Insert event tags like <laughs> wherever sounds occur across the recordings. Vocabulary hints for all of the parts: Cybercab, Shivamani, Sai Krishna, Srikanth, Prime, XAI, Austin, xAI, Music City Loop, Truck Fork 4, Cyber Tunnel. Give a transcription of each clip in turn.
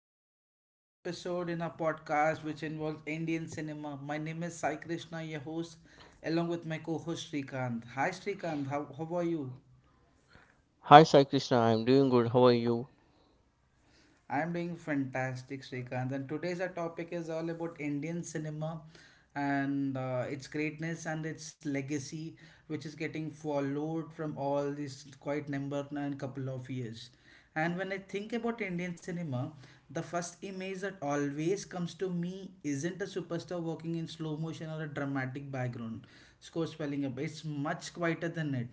Welcome to another episode in our podcast which involves Indian cinema. My name is Sai Krishna, your host, along with my co-host Srikanth. Hi Srikanth, how are you? Hi Sai Krishna, I'm doing good. How are you? I am doing fantastic, Srikanth. And today's our topic is all about Indian cinema and its greatness and its legacy which is getting followed from all these quite number and couple of years. And when I think about Indian cinema, the first image that always comes to me isn't a superstar walking in slow motion or a dramatic background score swelling up. It's much quieter than it.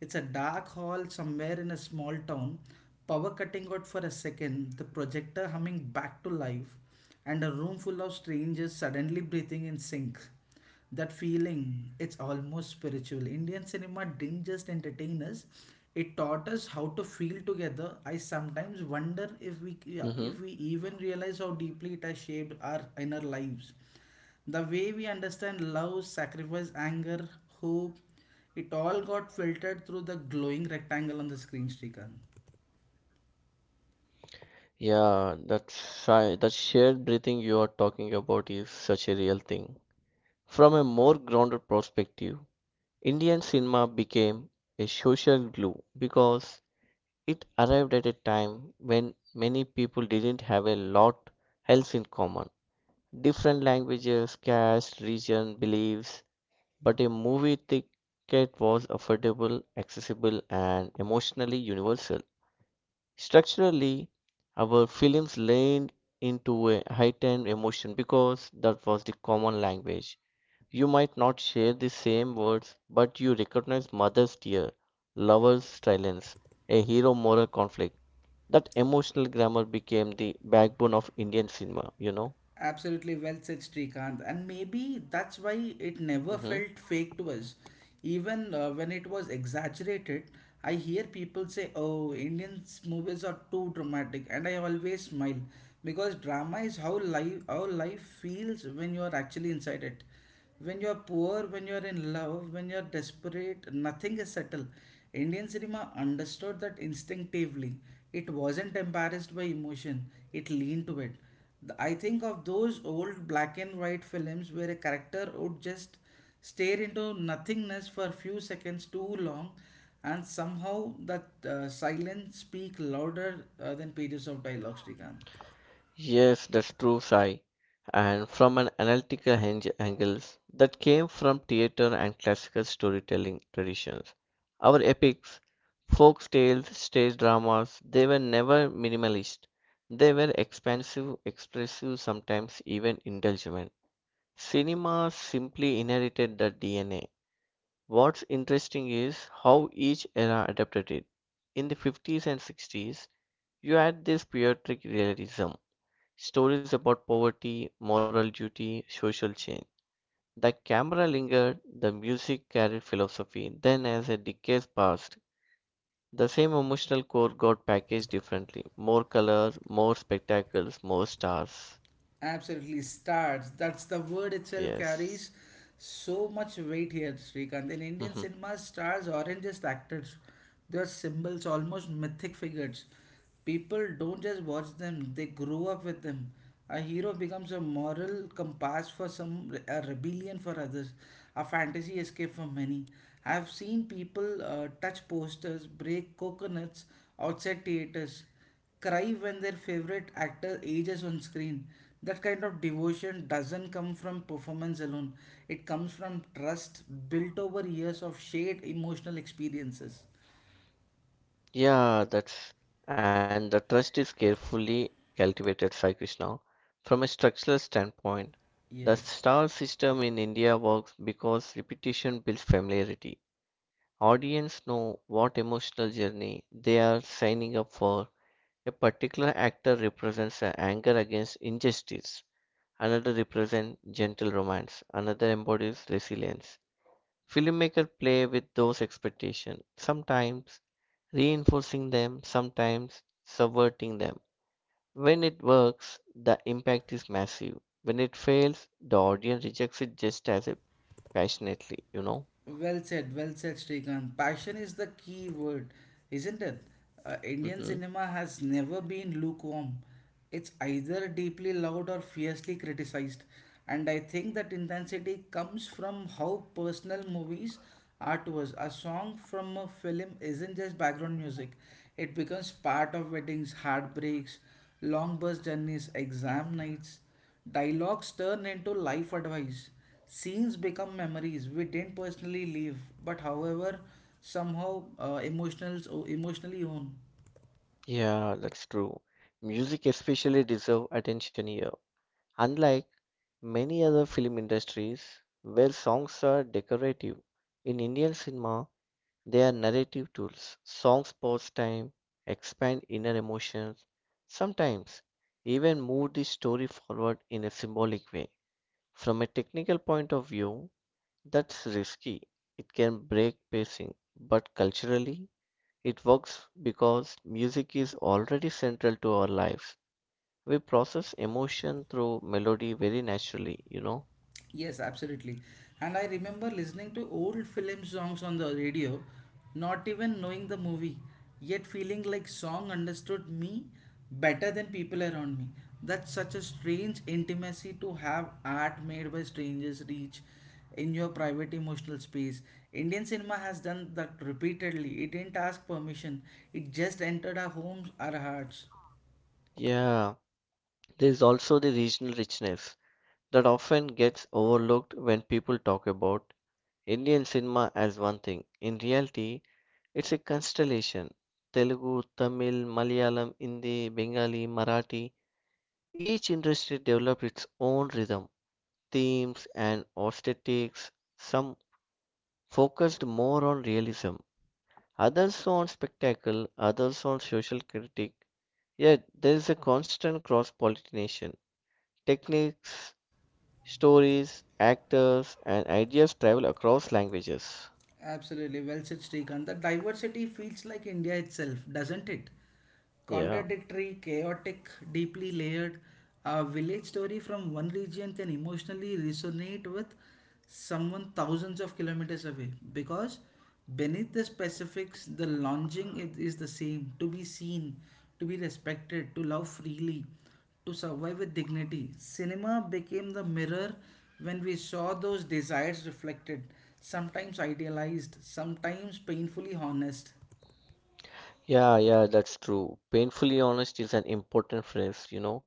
It's a dark hall somewhere in a small town, power cutting out for a second, the projector humming back to life, and a room full of strangers suddenly breathing in sync. That feeling, it's almost spiritual. Indian cinema didn't just entertain us, it taught us how to feel together. I sometimes wonder if we hmm yeah, if we even realize how deeply it has shaped our inner lives. The way we understand love, sacrifice, anger, hope, it all got filtered through the glowing rectangle on the screen, Srikanth. that shared breathing you are talking about is such a real thing. From a more grounded perspective, Indian cinema became a social glue because it arrived at a time when many people didn't have a lot else in common. Different languages, caste, region, beliefs, but a movie ticket was affordable, accessible, and emotionally universal. Structurally, our films leaned into a heightened emotion because that was the common language. You might not share the same words, but you recognize mother's tear, lover's silence, a hero moral conflict. That emotional grammar became the backbone of Indian cinema, you know? Absolutely well said, Srikanth. And maybe that's why it never Mm-hmm. felt fake to us. Even when it was exaggerated, I hear people say, "Oh, Indian movies are too dramatic." And I always smile because drama is how life feels when you are actually inside it, when you're poor, when you're in love, when you're desperate, nothing is settled. Indian cinema understood that instinctively. It wasn't embarrassed by emotion, it leaned to it. I think of those old black and white films where a character would just stare into nothingness for a few seconds too long, and somehow that silence speak louder than pages of dialogue, Srikanth. Yes, that's true, Sai. And from an angles that came from theater and classical storytelling traditions. Our epics, folk tales, stage dramas, they were never minimalist. They were expansive, expressive, sometimes even indulgent. Cinema simply inherited the DNA. What's interesting is how each era adapted it. In the 50s and 60s, you had this puritic realism. Stories about poverty, moral duty, social change. The camera lingered, the music carried philosophy. Then, as a decade passed, the same emotional core got packaged differently. More color, more spectacles, more stars. Absolutely, stars. That's the word itself carries Yes. so much weight here, Srikanth. In Indian Mhm. cinema, stars aren't just actors, they're symbols, almost mythic figures. People don't just watch them, they grow up with them. A hero becomes a moral compass for some, a rebellion for others, a fantasy escape for many. I've seen people touch posters, break coconuts outside theaters, cry when their favorite actor ages on screen. That kind of devotion doesn't come from performance alone, it comes from trust built over years of shared emotional experiences. Yeah, that's. And the trust is carefully cultivated, Sai Krishna. From a structural standpoint, the Yes. star system in India works because repetition builds familiarity. Audience know what emotional journey they are signing up for. A particular actor represents a anger against injustice, another represents gentle romance, another embodies resilience. Filmmakers play with those expectations, sometimes reinforcing them, sometimes subverting them. When it works, the impact is massive. When it fails, the audience rejects it just as passionately, you know. Well said, Srikanth. Passion is the key word, isn't it? Indian Mhm. cinema has never been lukewarm. It's either deeply loved or fiercely criticized. And I think that intensity comes from how personal movies are to us. A song from a film isn't just background music, it becomes part of weddings, heartbreaks, long bus journeys, exam nights. Dialogues turn into life advice. Scenes become memories we didn't personally live, but however, somehow emotionally own. Yeah, that's true. Music especially deserve attention here. Unlike many other film industries where songs are decorative, in Indian cinema they are narrative tools. Songs pause time, expand inner emotions, sometimes even move the story forward in a symbolic way. From a technical point of view, that's risky. It can break pacing, but culturally it works because music is already central to our lives. We process emotion through melody very naturally, you know. Yes, absolutely. And I remember listening to old film songs on the radio, not even knowing the movie, yet feeling like song understood me better than people around me. That's such a strange intimacy to have art made by strangers reach in your private emotional space. Indian cinema has done that repeatedly. It didn't ask permission, it just entered our homes, our hearts. Yeah, there is also the regional richness that often gets overlooked when people talk about Indian cinema as one thing. In reality, it's a constellation. Telugu, Tamil, Malayalam, Hindi, Bengali, Marathi. Each industry developed its own rhythm, themes, and aesthetics. Some focused more on realism, others on spectacle, others on social critique. Yet there is a constant cross pollination. Techniques, stories, actors, and ideas travel across languages. Absolutely, well said, Srikanth. The diversity feels like India itself, doesn't it? Yeah. Contradictory, chaotic, deeply layered. A village story from one region can emotionally resonate with someone thousands of kilometers away because beneath the specifics, the longing it is the same, to be seen, to be respected, to love freely, to survive with dignity. Cinema became the mirror when we saw those desires reflected, sometimes idealized, sometimes painfully honest. Yeah, that's true. Painfully honest is an important phrase, you know.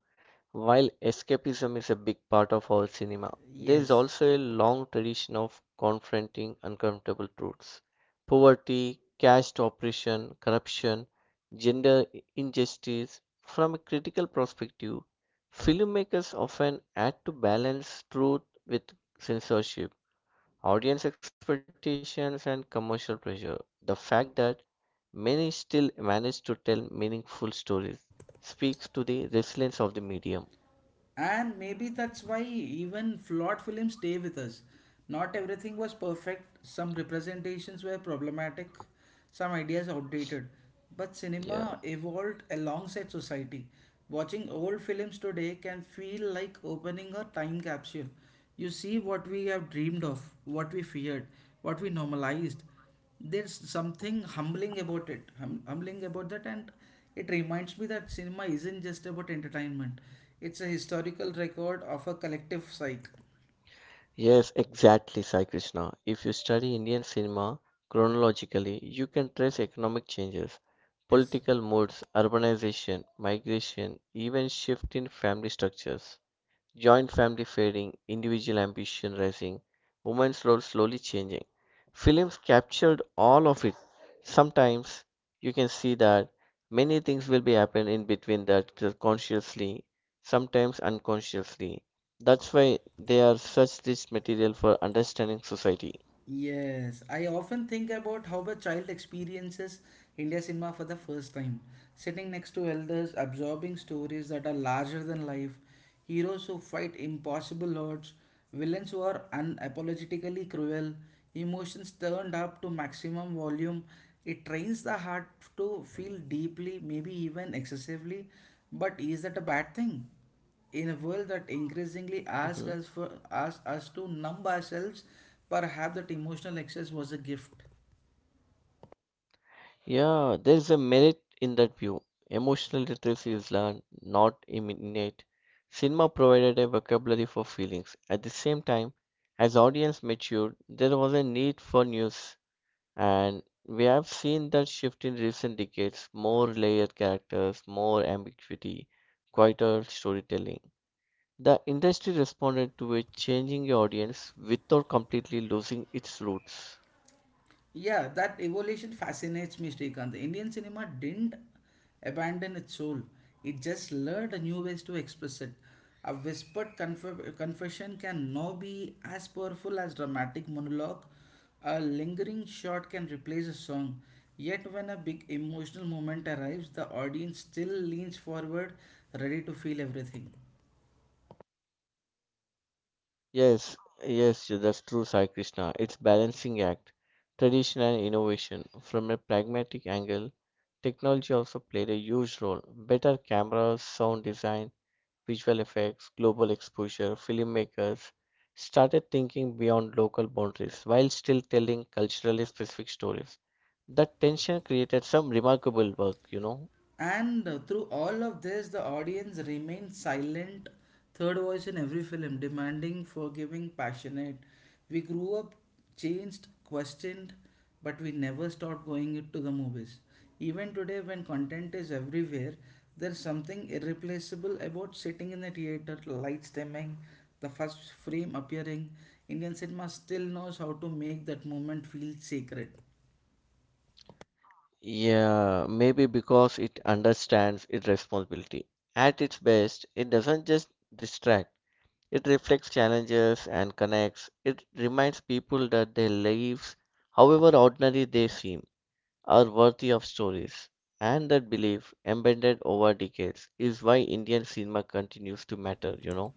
While escapism is a big part of our cinema, there is Yes. also a long tradition of confronting uncomfortable truths. Poverty, caste oppression, corruption, gender injustice. From a critical perspective, filmmakers often had to balance truth with censorship, audience expectations, and commercial pressure. The fact that many still manage to tell meaningful stories speaks to the resilience of the medium. And maybe that's why even flawed films stay with us. Not everything was perfect, some representations were problematic, some ideas outdated. But Yeah. cinema evolved alongside society. Watching old films today can feel like opening a time capsule. You see what we have dreamed of, what we feared, what we normalized. There's something humbling about that, and it reminds me that cinema isn't just about entertainment, it's a historical record of a collective psyche. Yes, exactly, Sai Krishna. If you study Indian cinema chronologically, you can trace economic changes, Yes. political moods, urbanization, migration, even shift in family structures, joint family fading, individual ambition rising, women's role slowly changing. Films captured all of it. Sometimes you can see that many things will be happen in between that consciously, sometimes unconsciously. That's why they are such rich material for understanding society. Yes, I often think about how a child experiences India cinema for the first time, sitting next to elders, absorbing stories that are larger than life, heroes who fight impossible odds, villains who are unapologetically cruel, emotions turned up to maximum volume. It trains the heart to feel deeply, maybe even excessively, but is that a bad thing? In a world that increasingly Mhm. Asks us to numb ourselves, perhaps that emotional excess was a gift. Yeah, there is a merit in that view. Emotional literacy is learned, not innate. Cinema provided a vocabulary for feelings. At the same time, as audience matured, there was a need for news, and we have seen that shift in recent decades. More layered characters, more ambiguity, quieter storytelling. The industry responded to a changing audience without completely losing its roots. Yeah, that evolution fascinates me, Srikanth. Indian cinema didn't abandon its soul. It just learned new ways to express it. A whispered confession can now be as powerful as dramatic monologue. A lingering shot can replace a song. Yet when a big emotional moment arrives, the audience still leans forward, ready to feel everything. Yes, yes, that's true, Sai Krishna. It's balancing act, tradition and innovation. From a pragmatic angle, technology also played a huge role. Better cameras, sound design, visual effects, global exposure, filmmakers started thinking beyond local boundaries while still telling culturally specific stories. That tension created some remarkable work, you know. And through all of this, the audience remained silent, third voice in every film, demanding, forgiving, passionate. We grew up, changed, questioned, but we never stopped going to the movies. Even today, when content is everywhere, there's something irreplaceable about sitting in the theater, lights dimming, the first frame appearing. Indian cinema still knows how to make that moment feel sacred. Yeah, maybe because it understands its responsibility. At its best, it doesn't just distract, it reflects challenges and connects. It reminds people that their lives, however ordinary they seem, are worthy of stories. And that belief, embedded over decades, is why Indian cinema continues to matter, you know?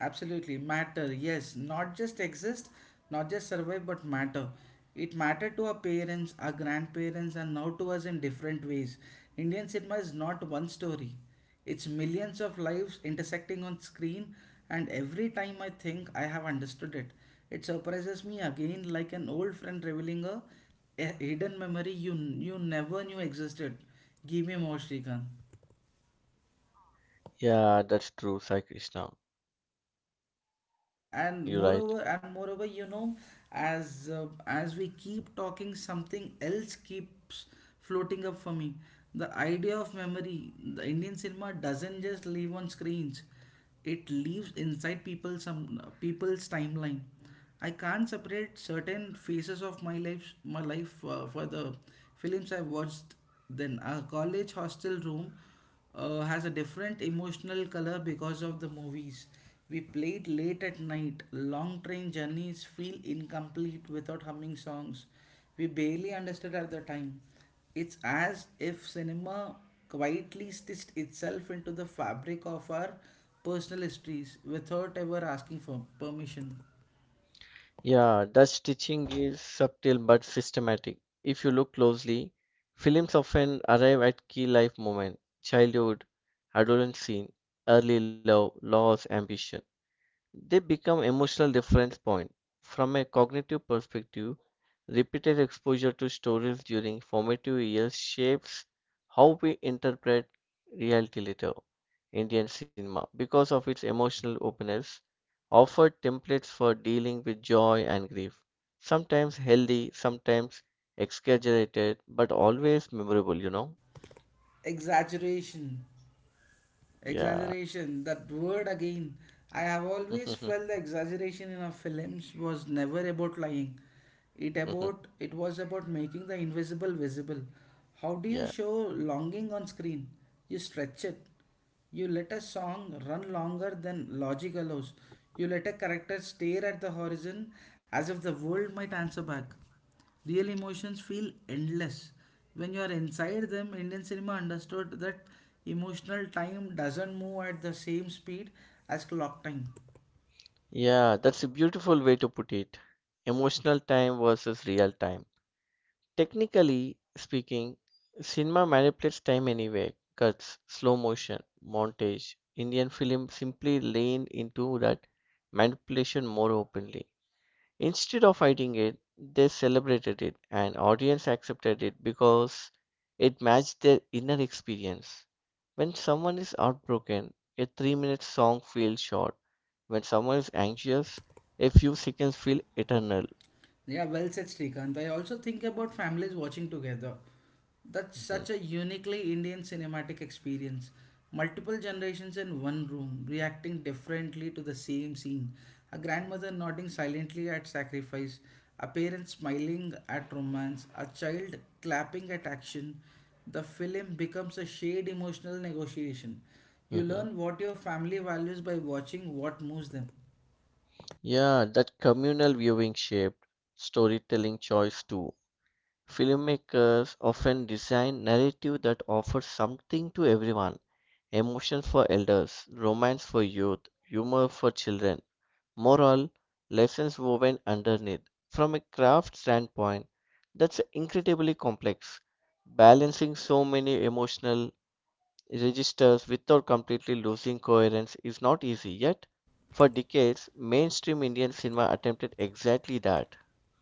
Absolutely, matter. Yes, not just exist, not just survive, but matter. It mattered to our parents, our grandparents, and now to us in different ways. Indian cinema is not one story, it's millions of lives intersecting on screen, and every time I think I have understood it, it surprises me again, like an old friend revealing a hidden memory you never knew existed. Give me more, Shrikant. Yeah, that's true, Sai Krishna. and You're right. moreover and moreover you know as we keep talking, something else keeps floating up for me, the idea of memory. The Indian cinema doesn't just live on screens, it lives inside people, some people's timeline. I can't separate certain phases of my life for the films I've watched. Then a college hostel room has a different emotional color because of the movies. We played late at night. Long train journeys feel incomplete without humming songs. We barely understood at the time. It's as if cinema quietly stitched itself into the fabric of our personal histories without ever asking for permission. Yeah, Dutch stitching is subtle but systematic. If you look closely, films often arrive at key life moments, childhood, adolescent scene, early love, loss, ambition. They become emotional reference points. From a cognitive perspective, repeated exposure to stories during formative years shapes how we interpret reality later. Indian cinema, because of its emotional openness, offered templates for dealing with joy and grief, sometimes healthy, sometimes exaggerated, but always memorable, you know? Exaggeration. Yeah. Exaggeration, that word again. I have always <laughs> felt the exaggeration in our films was never about lying. It was about making the invisible visible. How do you Yeah. show longing on screen? You stretch it. You let a song run longer than logic allows. You let a character stare at the horizon as if the world might answer back. Real emotions feel endless. When you are inside them, Indian cinema understood that emotional time doesn't move at the same speed as clock time. Yeah, that's a beautiful way to put it. Emotional time versus real time. Technically speaking, cinema manipulates time anyway. Cuts, slow motion, montage. Indian film simply leaned into that manipulation more openly. Instead of fighting it, they celebrated it and audience accepted it because it matched their inner experience. When someone is heartbroken, a 3 minute song feels short. When someone is anxious, a few seconds feel eternal. Yeah, well said, Srikanth. I also think about families watching together. That's Mhm, such a uniquely Indian cinematic experience. Multiple generations in one room, reacting differently to the same scene. A grandmother nodding silently at sacrifice, a parent smiling at romance, a child clapping at action. The film becomes a shared emotional negotiation. You mhm. learn what your family values by watching what moves them. Yeah, that communal viewing shaped storytelling choice too. Filmmakers often design narrative that offers something to everyone. Emotion for elders, romance for youth, humor for children, moral, lessons woven underneath. From a craft standpoint, that's incredibly complex. Balancing so many emotional registers without completely losing coherence is not easy, yet, for decades, mainstream Indian cinema attempted exactly that.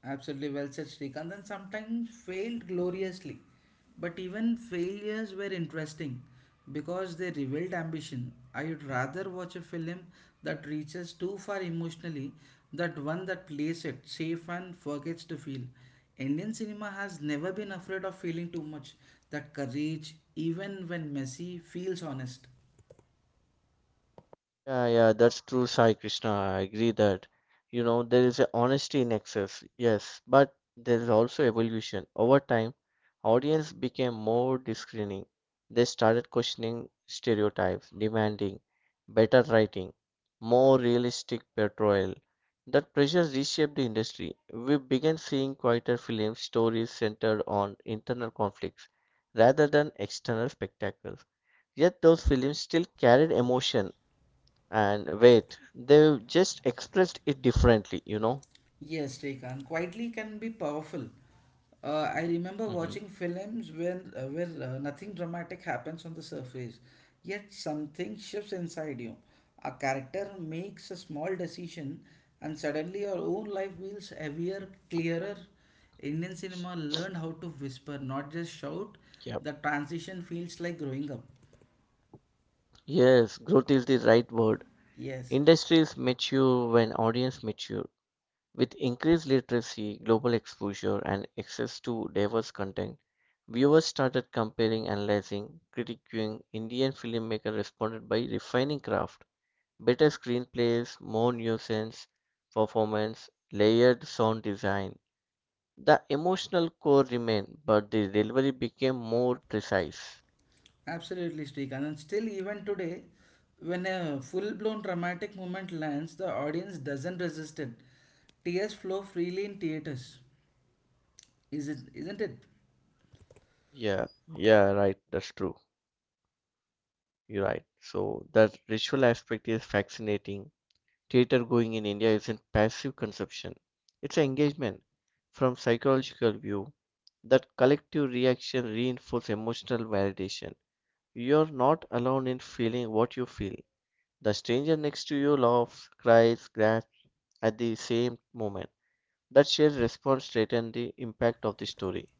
Absolutely well said, Srikanth, and sometimes failed gloriously. But even failures were interesting because they revealed ambition. I would rather watch a film that reaches too far emotionally than one that plays it safe and forgets to feel. Indian cinema has never been afraid of feeling too much. That courage, even when messy, feels honest. Yeah, that's true, Sai Krishna. I agree that, you know, there is a honesty in excess, yes, but there is also evolution. Over time, audience became more discerning. They started questioning stereotypes, demanding better writing, more realistic portrayal. That pressure reshaped the industry. We began seeing quieter film stories centered on internal conflicts rather than external spectacles. Yet those films still carried emotion and wait, they've just expressed it differently, you know? Yes, Srikanth, quietly can be powerful. I remember hmm watching films when where nothing dramatic happens on the surface, yet something shifts inside you. A character makes a small decision, and suddenly your own life feels heavier, clearer. Indian cinema learned how to whisper, not just shout. Yep. The transition feels like growing up. Yes, growth is the right word. Yes. Industries mature when audience mature. With increased literacy, global exposure, and access to diverse content, viewers started comparing, analyzing, critiquing. Indian filmmakers responded by refining craft, better screenplays, more nuisance performance, layered sound design. The emotional core remained, but the delivery became more precise. Absolutely, Srikanth. And still, even today, when a full blown dramatic moment lands, the audience doesn't resist it. Tears flow freely in theaters, isn't it? Yeah, yeah, right. That's true. You're right. So the ritual aspect is fascinating. Theater going in India isn't passive consumption. It's an engagement from psychological view. That collective reaction reinforces emotional validation. You're not alone in feeling what you feel. The stranger next to you laughs, cries, grasps at the same moment. That shared response straightened the impact of the story.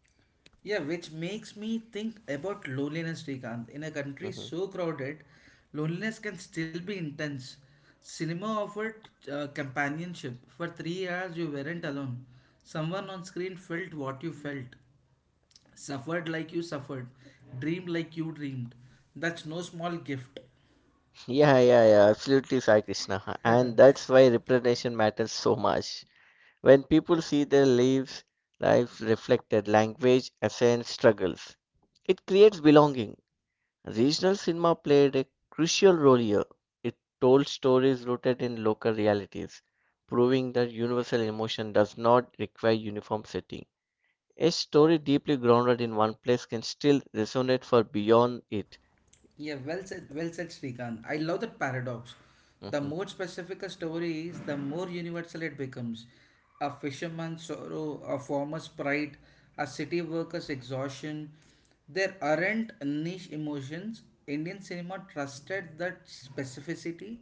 Yeah, which makes me think about loneliness, Srikanth. In a country Mhm. so crowded, loneliness can still be intense. Cinema offered companionship. For 3 hours, you weren't alone. Someone on screen felt what you felt, suffered like you suffered, dreamed like you dreamed. That's no small gift. Yeah, absolutely, Sai Krishna. And that's why representation matters so much. When people see their lives, lives reflected, language, essence, struggles, it creates belonging. Regional cinema played a crucial role here. It told stories rooted in local realities, proving that universal emotion does not require uniform setting. A story deeply grounded in one place can still resonate for beyond it. Yeah, well said, Srikant. I love that paradox. The Mhm. more specific a story is, the more universal it becomes. A fisherman's sorrow, a farmer's pride, a city worker's exhaustion. There aren't niche emotions. Indian cinema trusted that specificity.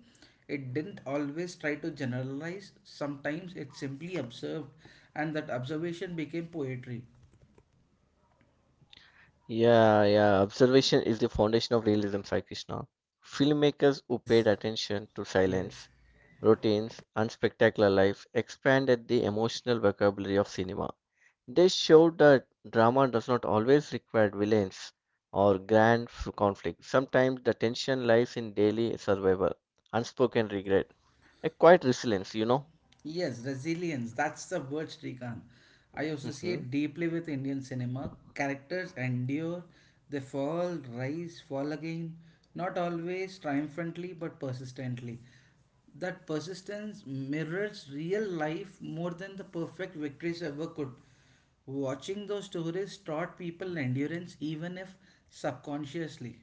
It didn't always try to generalize, sometimes it simply observed, and that observation became poetry. Yeah. Observation is the foundation of realism, Sai Krishna. Filmmakers who Yes, paid attention to yes. silence, routines, and spectacular lives expanded the emotional vocabulary of cinema. They showed that drama does not always require villains or conflict. Sometimes the tension lies in daily survival, unspoken regret, a quiet resilience, you know. Yes, resilience. That's the word, Srikant. I <laughs> associate deeply with Indian cinema. Characters endure, they fall, rise, fall again, not always triumphantly but persistently. That persistence mirrors real life more than the perfect victories ever could. Watching those stories taught people endurance even if subconsciously.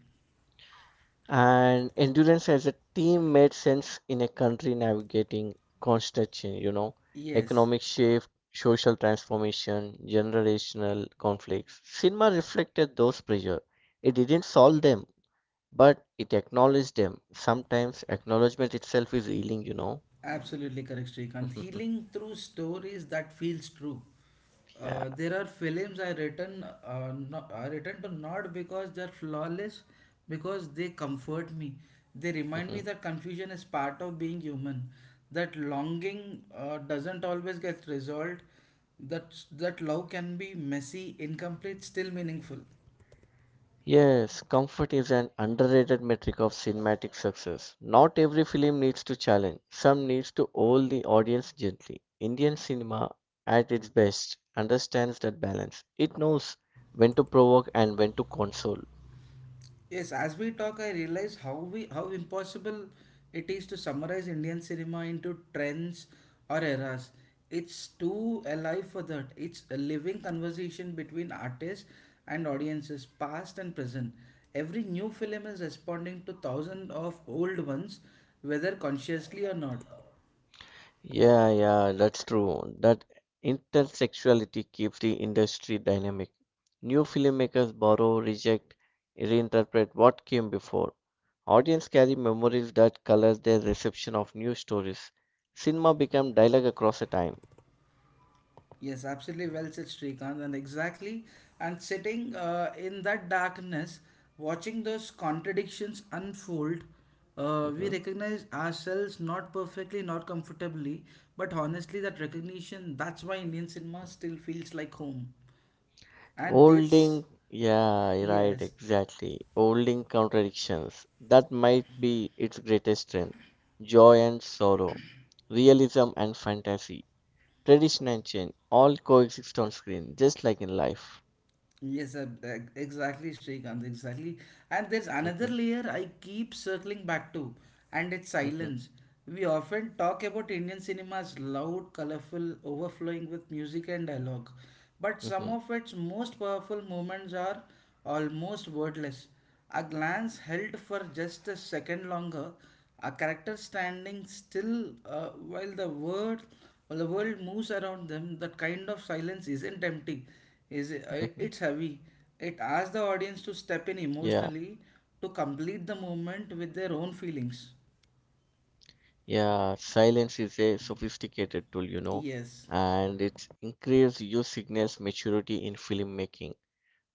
And endurance as a team made sense in a country navigating constant change, you know, Yes. economic shift, social transformation, generational conflicts. Cinema reflected those pressure. It didn't solve them, but it acknowledged them. Sometimes acknowledgement itself is healing, you know. Absolutely correct, Srikanth. <laughs> Healing through stories that feels true. Yeah. There are films I return, not I return to not because they're flawless, because they comfort me. They remind me Mhm. that confusion is part of being human. That longing doesn't always get resolved. That love can be messy, incomplete, still meaningful. Yes, comfort is an underrated metric of cinematic success. Not every film needs to challenge, some needs to hold the audience gently. Indian cinema, at its best, understands that balance. It knows when to provoke and when to console. Yes, as we talk, I realize how impossible it is to summarize Indian cinema into trends or eras. It's too alive for that. It's a living conversation between artists and audiences, past and present. Every new film is responding to thousands of old ones, whether consciously or not. Yeah, that's true. That intersexuality keeps the industry dynamic. New filmmakers borrow, reject, reinterpret what came before. Audience carry memories that color their reception of new stories. Cinema became dialogue across a time. Yes, absolutely, well said, Srikanth, and exactly. And sitting in that darkness, watching those contradictions unfold, we Mhm. recognize ourselves not perfectly, not comfortably, but honestly. That recognition, that's why Indian cinema still feels like home. And there's, Holding, yeah, right, yes. exactly. Holding contradictions. That might be its greatest strength. Joy and sorrow, realism and fantasy, tradition and change, all coexist on screen, just like in life. Yes, exactly, Srikanth, exactly. And there's another hmm layer I keep circling back to, and it's hmm silence. We often talk about Indian cinemas loud, colorful, overflowing with music and dialogue, but some hmm of its most powerful moments are almost wordless. A glance held for just a second longer, a character standing still while the world moves around them. That kind of silence isn't empty, is hmm it? It's heavy. It asks the audience to step in Yeah. emotionally to complete the moment with their own feelings. Yeah, silence is a sophisticated tool, you know, Yes. and it's increased use signals maturity in filmmaking.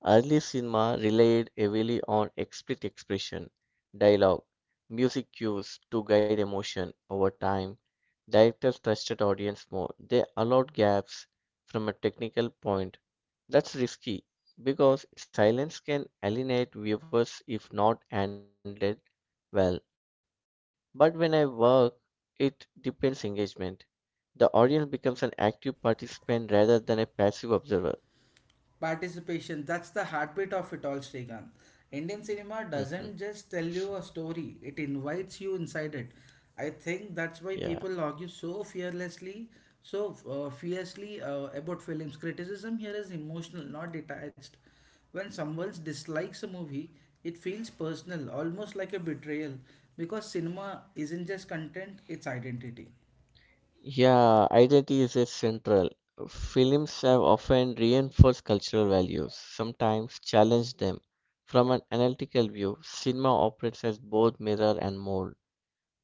Early cinema relied heavily on explicit expression, dialogue, music cues to guide emotion over time. Directors trusted audience more. They allowed gaps from a technical point. That's risky because silence can alienate viewers if not handled well. But when I work, it depends engagement. The audience becomes an active participant rather than a passive observer. Participation, that's the heartbeat of it all, Srikanth. Indian cinema doesn't Mhm. just tell you a story, it invites you inside it. I think that's why Yeah. people argue so fearlessly, so fiercely about films. Criticism here is emotional, not detached. When someone dislikes a movie, it feels personal, almost like a betrayal, because cinema isn't just content, it's identity. Yeah, identity is a central. Films have often reinforced cultural values, sometimes challenged them. From an analytical view, cinema operates as both mirror and mold.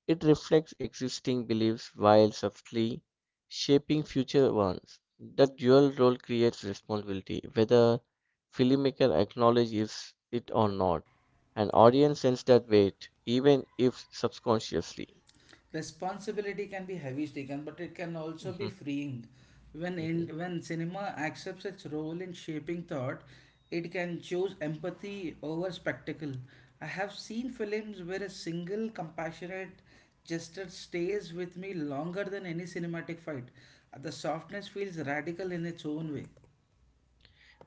It reflects existing beliefs while subtly shaping future ones. That dual role creates responsibility, whether filmmaker acknowledges it or not. An audience senses that weight, even if subconsciously. Responsibility can be heavy taken, but it can also be Mhm, freeing. When mhm. in, when cinema accepts its role in shaping thought, it can choose empathy over spectacle. I have seen films where a single compassionate gesture stays with me longer than any cinematic fight. The softness feels radical in its own way.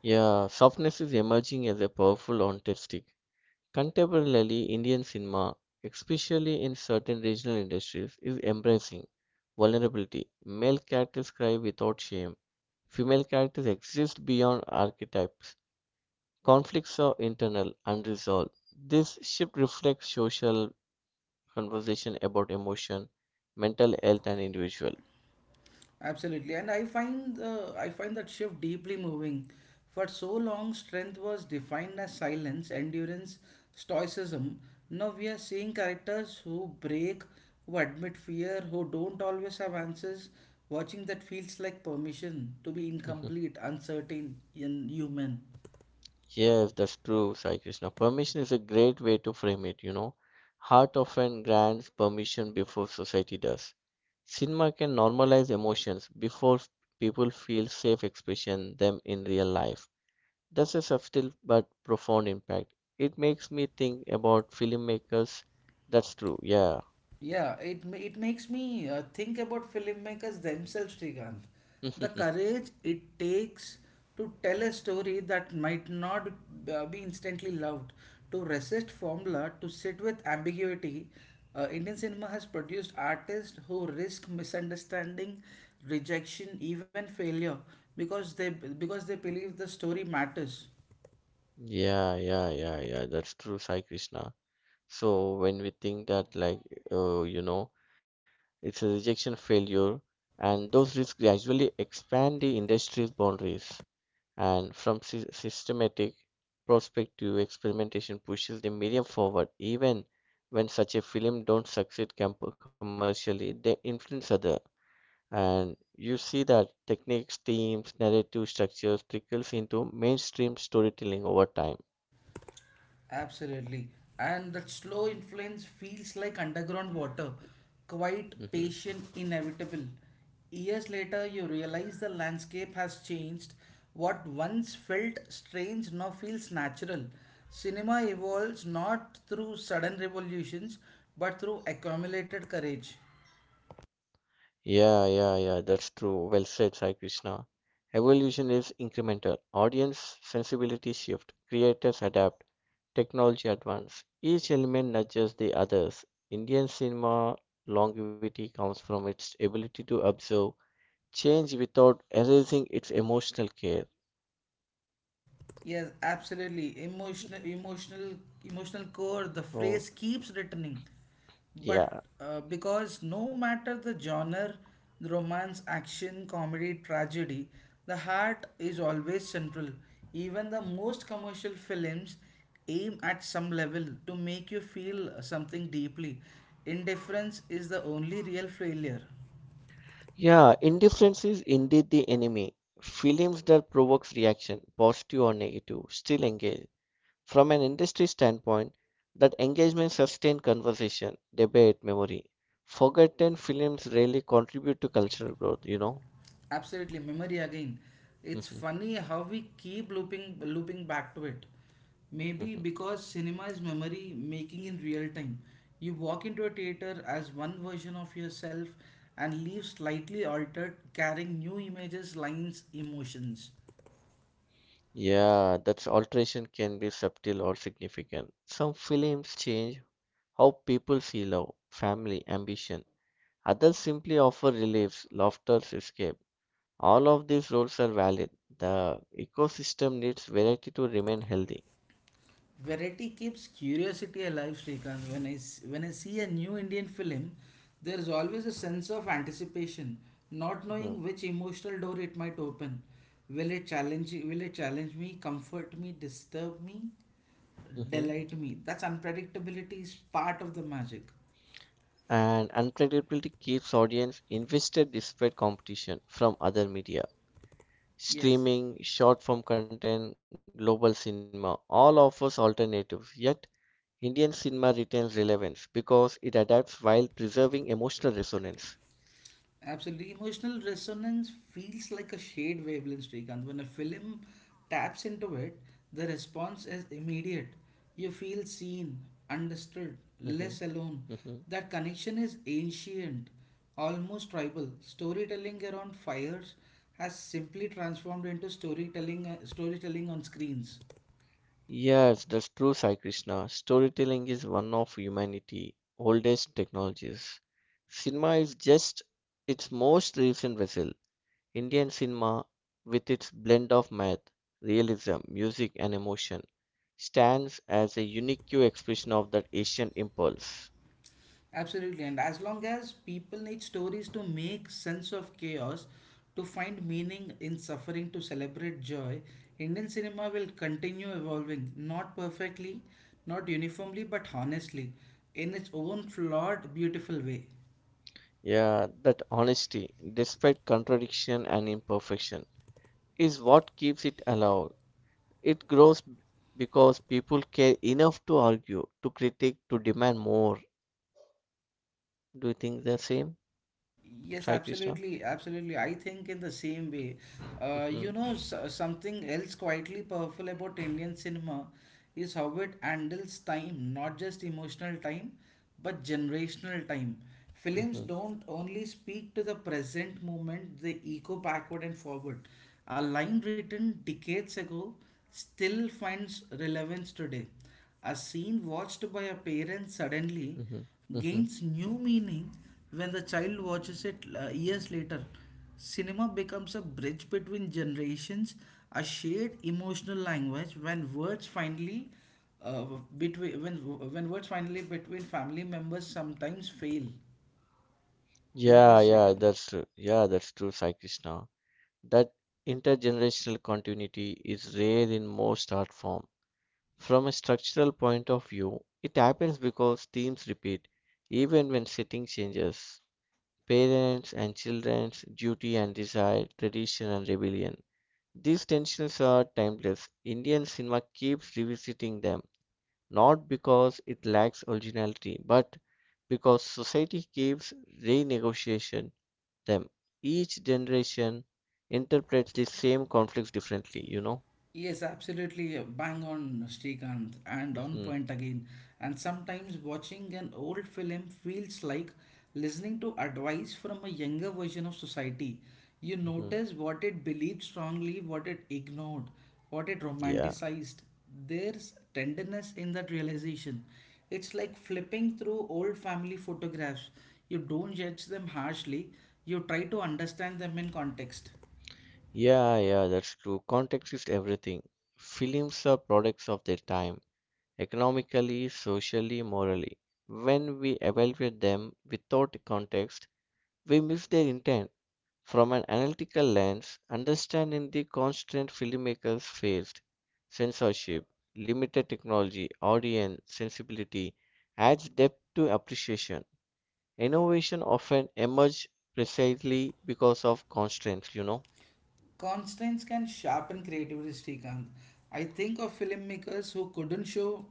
Yeah, softness is emerging as a powerful artistic. Contemporarily, Indian cinema, especially in certain regional industries, is embracing vulnerability. Male characters cry without shame. Female characters exist beyond archetypes. Conflicts are internal, unresolved. This shift reflects social conversation about emotion, mental health, and individual. Absolutely, and I find that shift deeply moving. For so long, strength was defined as silence, endurance, stoicism. Now we are seeing characters who break, who admit fear, who don't always have answers. Watching that feels like permission to be Mhm. incomplete, uncertain, and human. Yes, that's true, Sai Krishna. Permission is a great way to frame it, you know. Heart often grants permission before society does. Cinema can normalize emotions before people feel safe expressing them in real life. That's a subtle but profound impact. It makes me think about filmmakers. That's true. Yeah. Yeah, it makes me think about filmmakers themselves, Srikanth. The <laughs> courage it takes to tell a story that might not be instantly loved, to resist formula, to sit with ambiguity. Indian cinema has produced artists who risk misunderstanding, rejection, even failure, because they believe the story matters. Yeah, yeah, yeah, yeah. That's true, Sai Krishna. So when we think that, uh, you know, it's a rejection failure, and those risks gradually expand the industry's boundaries. And from sy systematic perspective, experimentation pushes the medium forward. Even when such a film don't succeed commercially, they influence other. And you see that techniques, themes, narrative structures trickles into mainstream storytelling over time. Absolutely. And that slow influence feels like underground water, quite Hmm. patient, inevitable. Years later, you realize the landscape has changed. What once felt strange now feels natural. Cinema evolves not through sudden revolutions but through accumulated courage. Yeah, yeah, yeah, that's true. Well said, Sai Krishna. Evolution is incremental. Audience sensibility shift, creators adapt, technology advance. Each element nudges the others. Indian cinema longevity comes from its ability to observe change without erasing its emotional care. Yes, absolutely. Emotional core. The Or phrase keeps returning, but yeah. Because no matter the genre, the romance, action, comedy, tragedy, the heart is always central. Even the most commercial films aim at some level to make you feel something deeply. Indifference is the only real failure. Yeah, indifference is indeed the enemy. Films that provokes reaction, positive or negative, still engage. From an industry standpoint, that engagement sustains conversation, debate, memory. Forgotten films rarely contribute to cultural growth, you know? Absolutely, memory again. It's <laughs> funny how we keep looping back to it. Mhm, Maybe mhm. because cinema is memory making in real time. You walk into a theater as one version of yourself and leave slightly altered, carrying new images, lines, emotions. Yeah, that alteration can be subtle or significant. Some films change how people see love, family, ambition. Others simply offer reliefs, laughter, escape. All of these roles are valid. The ecosystem needs variety to remain healthy. Variety keeps curiosity alive, Srikanth. When I see a new Indian film, there is always a sense of anticipation, not Mhm, knowing which emotional door it might open. Will it challenge me, comfort me, disturb me, mhm. delight me? That's unpredictability is part of the magic. And unpredictability keeps audience invested despite competition from other media. Yes. Streaming, short form content, global cinema all offers alternatives, yet Indian cinema retains relevance because it adapts while preserving emotional resonance. Absolutely. Emotional resonance feels like a shared wavelength, Srikanth. When a film taps into it, the response is immediate. You feel seen, understood, less Mhm, alone. mhm. That connection is ancient, almost tribal. Storytelling around fires has simply transformed into storytelling on screens. Yes, that's true, Sai Krishna. Storytelling is one of humanity's oldest technologies. Cinema is just its most recent vessel. Indian cinema, with its blend of math, realism, music, and emotion, stands as a unique expression of that Asian impulse. Absolutely, and as long as people need stories to make sense of chaos, to find meaning in suffering, to celebrate joy, Indian cinema will continue evolving, not perfectly, not uniformly, but honestly, in its own flawed, beautiful way. Yeah, that honesty, despite contradiction and imperfection, is what keeps it alive. It grows because people care enough to argue, to critique, to demand more. Do you think the same, Y- Yes, Sai Krishna? absolutely, absolutely. I think in the same way. You Hmm, know, s something else quietly powerful about Indian cinema is how it handles time, not just emotional time, but generational time. Films hmm, don't only speak to the present moment, they echo backward and forward. A line written decades ago still finds relevance today. A scene watched by a parent suddenly hmm, hmm. gains new meaning when the child watches it years later. Cinema becomes a bridge between generations, a shared emotional language when words finally uh, between when words finally between family members sometimes fail. Isn't it, Yeah, yeah, Srikanth? that's true. Yeah, that's true, Sai Krishna. That intergenerational continuity is rare in most art form. From a structural point of view, it happens because themes repeat, even when setting changes. Parents and children's duty and desire, tradition and rebellion. These tensions are timeless. Indian cinema keeps revisiting them, not because it lacks originality, but because society keeps renegotiation them. Each generation interprets the same conflicts differently, you know? Yes, absolutely. Bang on, Srikanth, and on Hmm, point again. And sometimes watching an old film feels like listening to advice from a younger version of society. You hmm. notice what it believed strongly, what it ignored, what it Yeah, romanticized. There's tenderness in that realization. It's like flipping through old family photographs. You don't judge them harshly, you try to understand them in context. yeah, yeah, that's true. Context is everything. Films are products of their time, economically, socially, morally. When we evaluate them without context, we miss their intent. From an analytical lens, understanding the constant filmmakers faced censorship, limited technology, audience sensibility adds depth to appreciation. Innovation often emerges precisely because of constraints, you know. Constraints can sharpen creativity, Srikanth. I think of filmmakers who couldn't show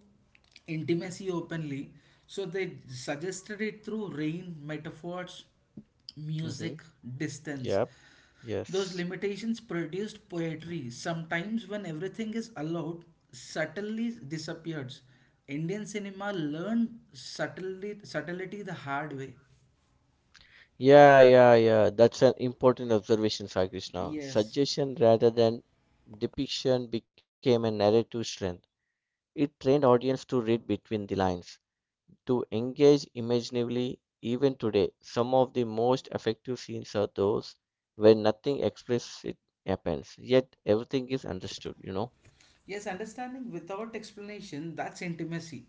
intimacy openly, so they suggested it through rain, metaphors, Mm-hmm. music, distance. Yep. Those Yes. limitations produced poetry. Sometimes, when everything is allowed, subtly disappears. Indian cinema learned subtlety the hard way. Yeah, yeah, yeah. That's an important observation, Sai Krishna. Yes. Suggestion rather than depiction became a narrative strength. It trained audience to read between the lines, to engage imaginatively even today. Some of the most effective scenes are those where nothing explicit happens, yet everything is understood, you know. Yes, understanding without explanation, that's intimacy.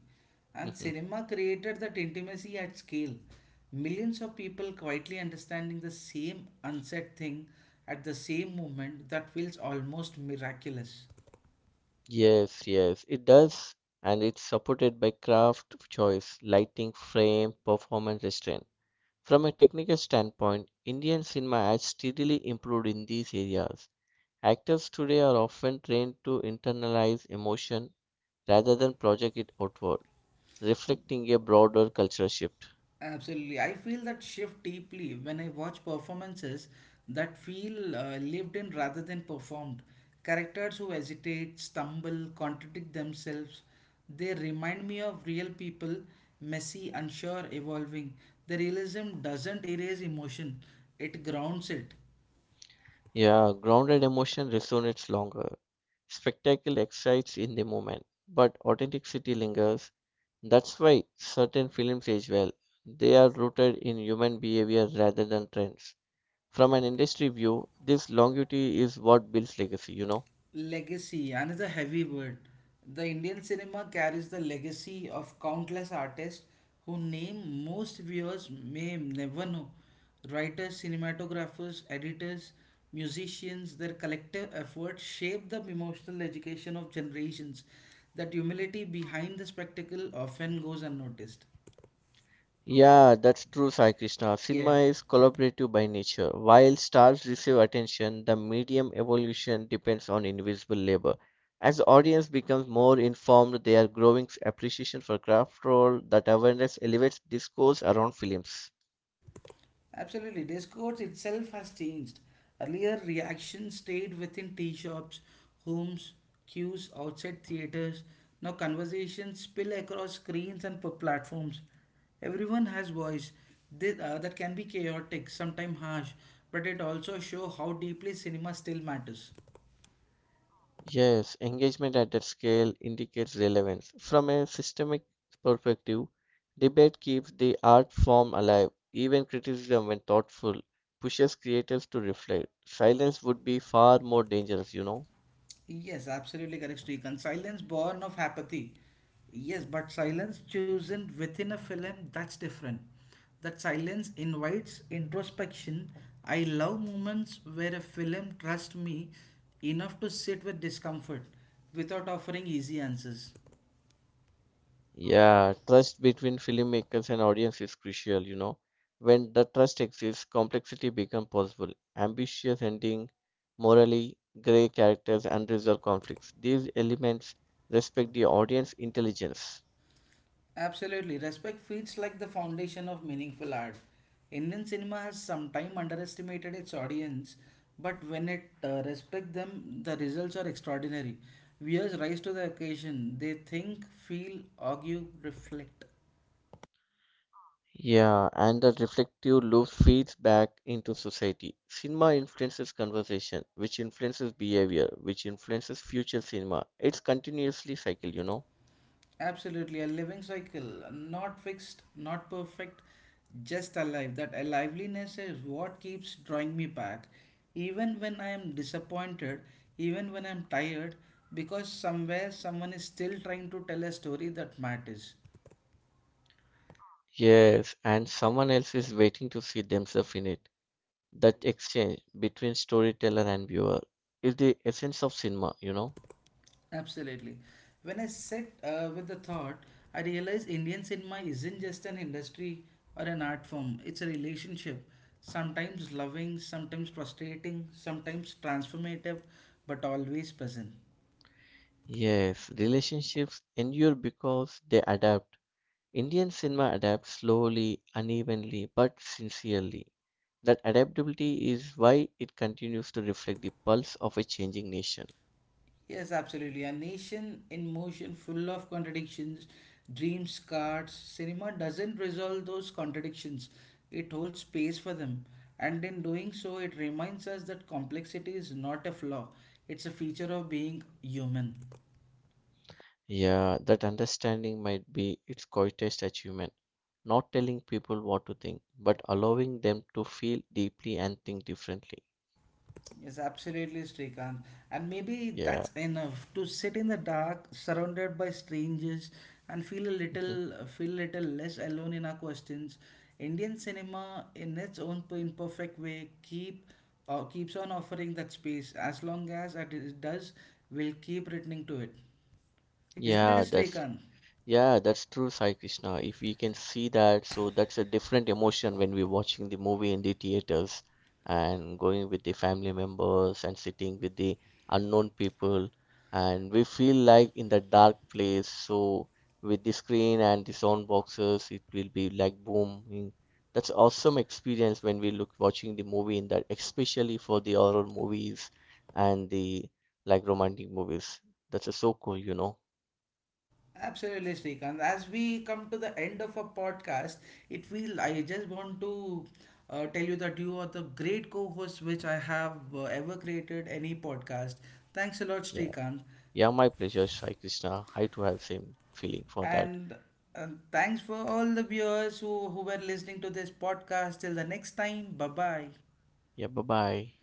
And <laughs> cinema created that intimacy at scale. Millions of people quietly understanding the same unsaid thing at the same moment, that feels almost miraculous. Yes, yes, it does, and it's supported by craft choice, lighting, frame, performance restraint. From a technical standpoint, Indian cinema has steadily improved in these areas. Actors today are often trained to internalize emotion rather than project it outward, reflecting a broader cultural shift. Absolutely. I feel that shift deeply when I watch performances that feel lived in rather than performed. Characters who hesitate, stumble, contradict themselves, they remind me of real people, messy, unsure, evolving. The realism doesn't erase emotion, it grounds it. Yeah, grounded emotion resonates longer. Spectacle excites in the moment, but authenticity lingers. That's why certain films age well. They are rooted in human behavior rather than trends. From an industry view, this longevity is what builds legacy, you know. Legacy, another heavy word. The Indian cinema carries the legacy of countless artists whose name most viewers may never know. Writers, cinematographers, editors, musicians, their collective efforts shape the emotional education of generations. That humility behind the spectacle often goes unnoticed. Yeah, that's true, Sai Krishna. Yeah. Cinema is collaborative by nature. While stars receive attention, the medium evolution depends on invisible labor. As the audience becomes more informed, their growing appreciation for craft role, that awareness elevates discourse around films. Absolutely. Discourse itself has changed. Earlier, reactions stayed within tea shops, homes, queues, outside theaters. Now, conversations spill across screens and platforms. Everyone has voice. That can be chaotic, sometimes harsh, but it also shows how deeply cinema still matters. Yes, engagement at that scale indicates relevance. From a systemic perspective, debate keeps the art form alive. Even criticism, when thoughtful, pushes creators to reflect. Silence would be far more dangerous, you know. Yes, absolutely correct, Srikanth. Silence born of apathy. Yes, but silence chosen within a film, that's different. That silence invites introspection. I love moments where a film trusts me enough to sit with discomfort without offering easy answers. Yeah, trust between filmmakers and audience is crucial, you know. When the trust exists, complexity becomes possible. Ambitious ending, morally gray characters, unresolved conflicts. These elements respect the audience intelligence. Absolutely. Respect feels like the foundation of meaningful art. Indian cinema has sometimes underestimated its audience, but when it respects them, the results are extraordinary. Viewers rise to the occasion. They think, feel, argue, reflect. Yeah, and the reflective loop feeds back into society. Cinema influences conversation, which influences behavior, which influences future cinema. It's continuously cycle, you know. Absolutely, a living cycle, not fixed, not perfect, just alive. That aliveness is what keeps drawing me back, even when I am disappointed, even when I'm tired, because somewhere someone is still trying to tell a story that matters. Yes, and someone else is waiting to see themselves in it. That exchange between storyteller and viewer is the essence of cinema, you know. Absolutely. When I sat with the thought, I realized Indian cinema isn't just an industry or an art form, it's a relationship. Sometimes loving, sometimes frustrating, sometimes transformative, but always present. Yes, relationships endure because they adapt. Indian cinema adapts slowly, unevenly, but sincerely. That adaptability is why it continues to reflect the pulse of a changing nation. Yes, absolutely. A nation in motion, full of contradictions, dreams, cards, cinema doesn't resolve those contradictions. It holds space for them. And in doing so, it reminds us that complexity is not a flaw, it's a feature of being human. Yeah, that understanding might be its greatest achievement. Not telling people what to think, but allowing them to feel deeply and think differently. Yes, absolutely, Srikanth. And maybe Yeah. that's enough to sit in the dark, surrounded by strangers, and feel Mhm. Feel little less alone in our questions. Indian cinema, in its own imperfect way, keeps on offering that space. As long as does, we'll keep returning to it. Isn't it, Yeah, Srikanth? that's Yeah, that's true, Sai Krishna. If we can see that, so that's a different emotion when we're watching the movie in the theaters and going with the family members and sitting with the unknown people. And we feel like in the dark place. So with the screen and the sound boxes, it will be like booming. That's awesome experience when we look watching the movie in that, especially for the horror movies and the like romantic movies. That's so cool, you know. Absolutely, Srikanth. As we come to the end of our podcast, it feel I just want to tell you that you are the great co-host which I have ever created any podcast. Thanks a lot, Yeah. Srikanth, Yeah, my pleasure, Shai Krishna. I too have same feeling for that. and thanks for all the viewers who were listening to this podcast. Till the next time, bye bye. Yeah, bye bye.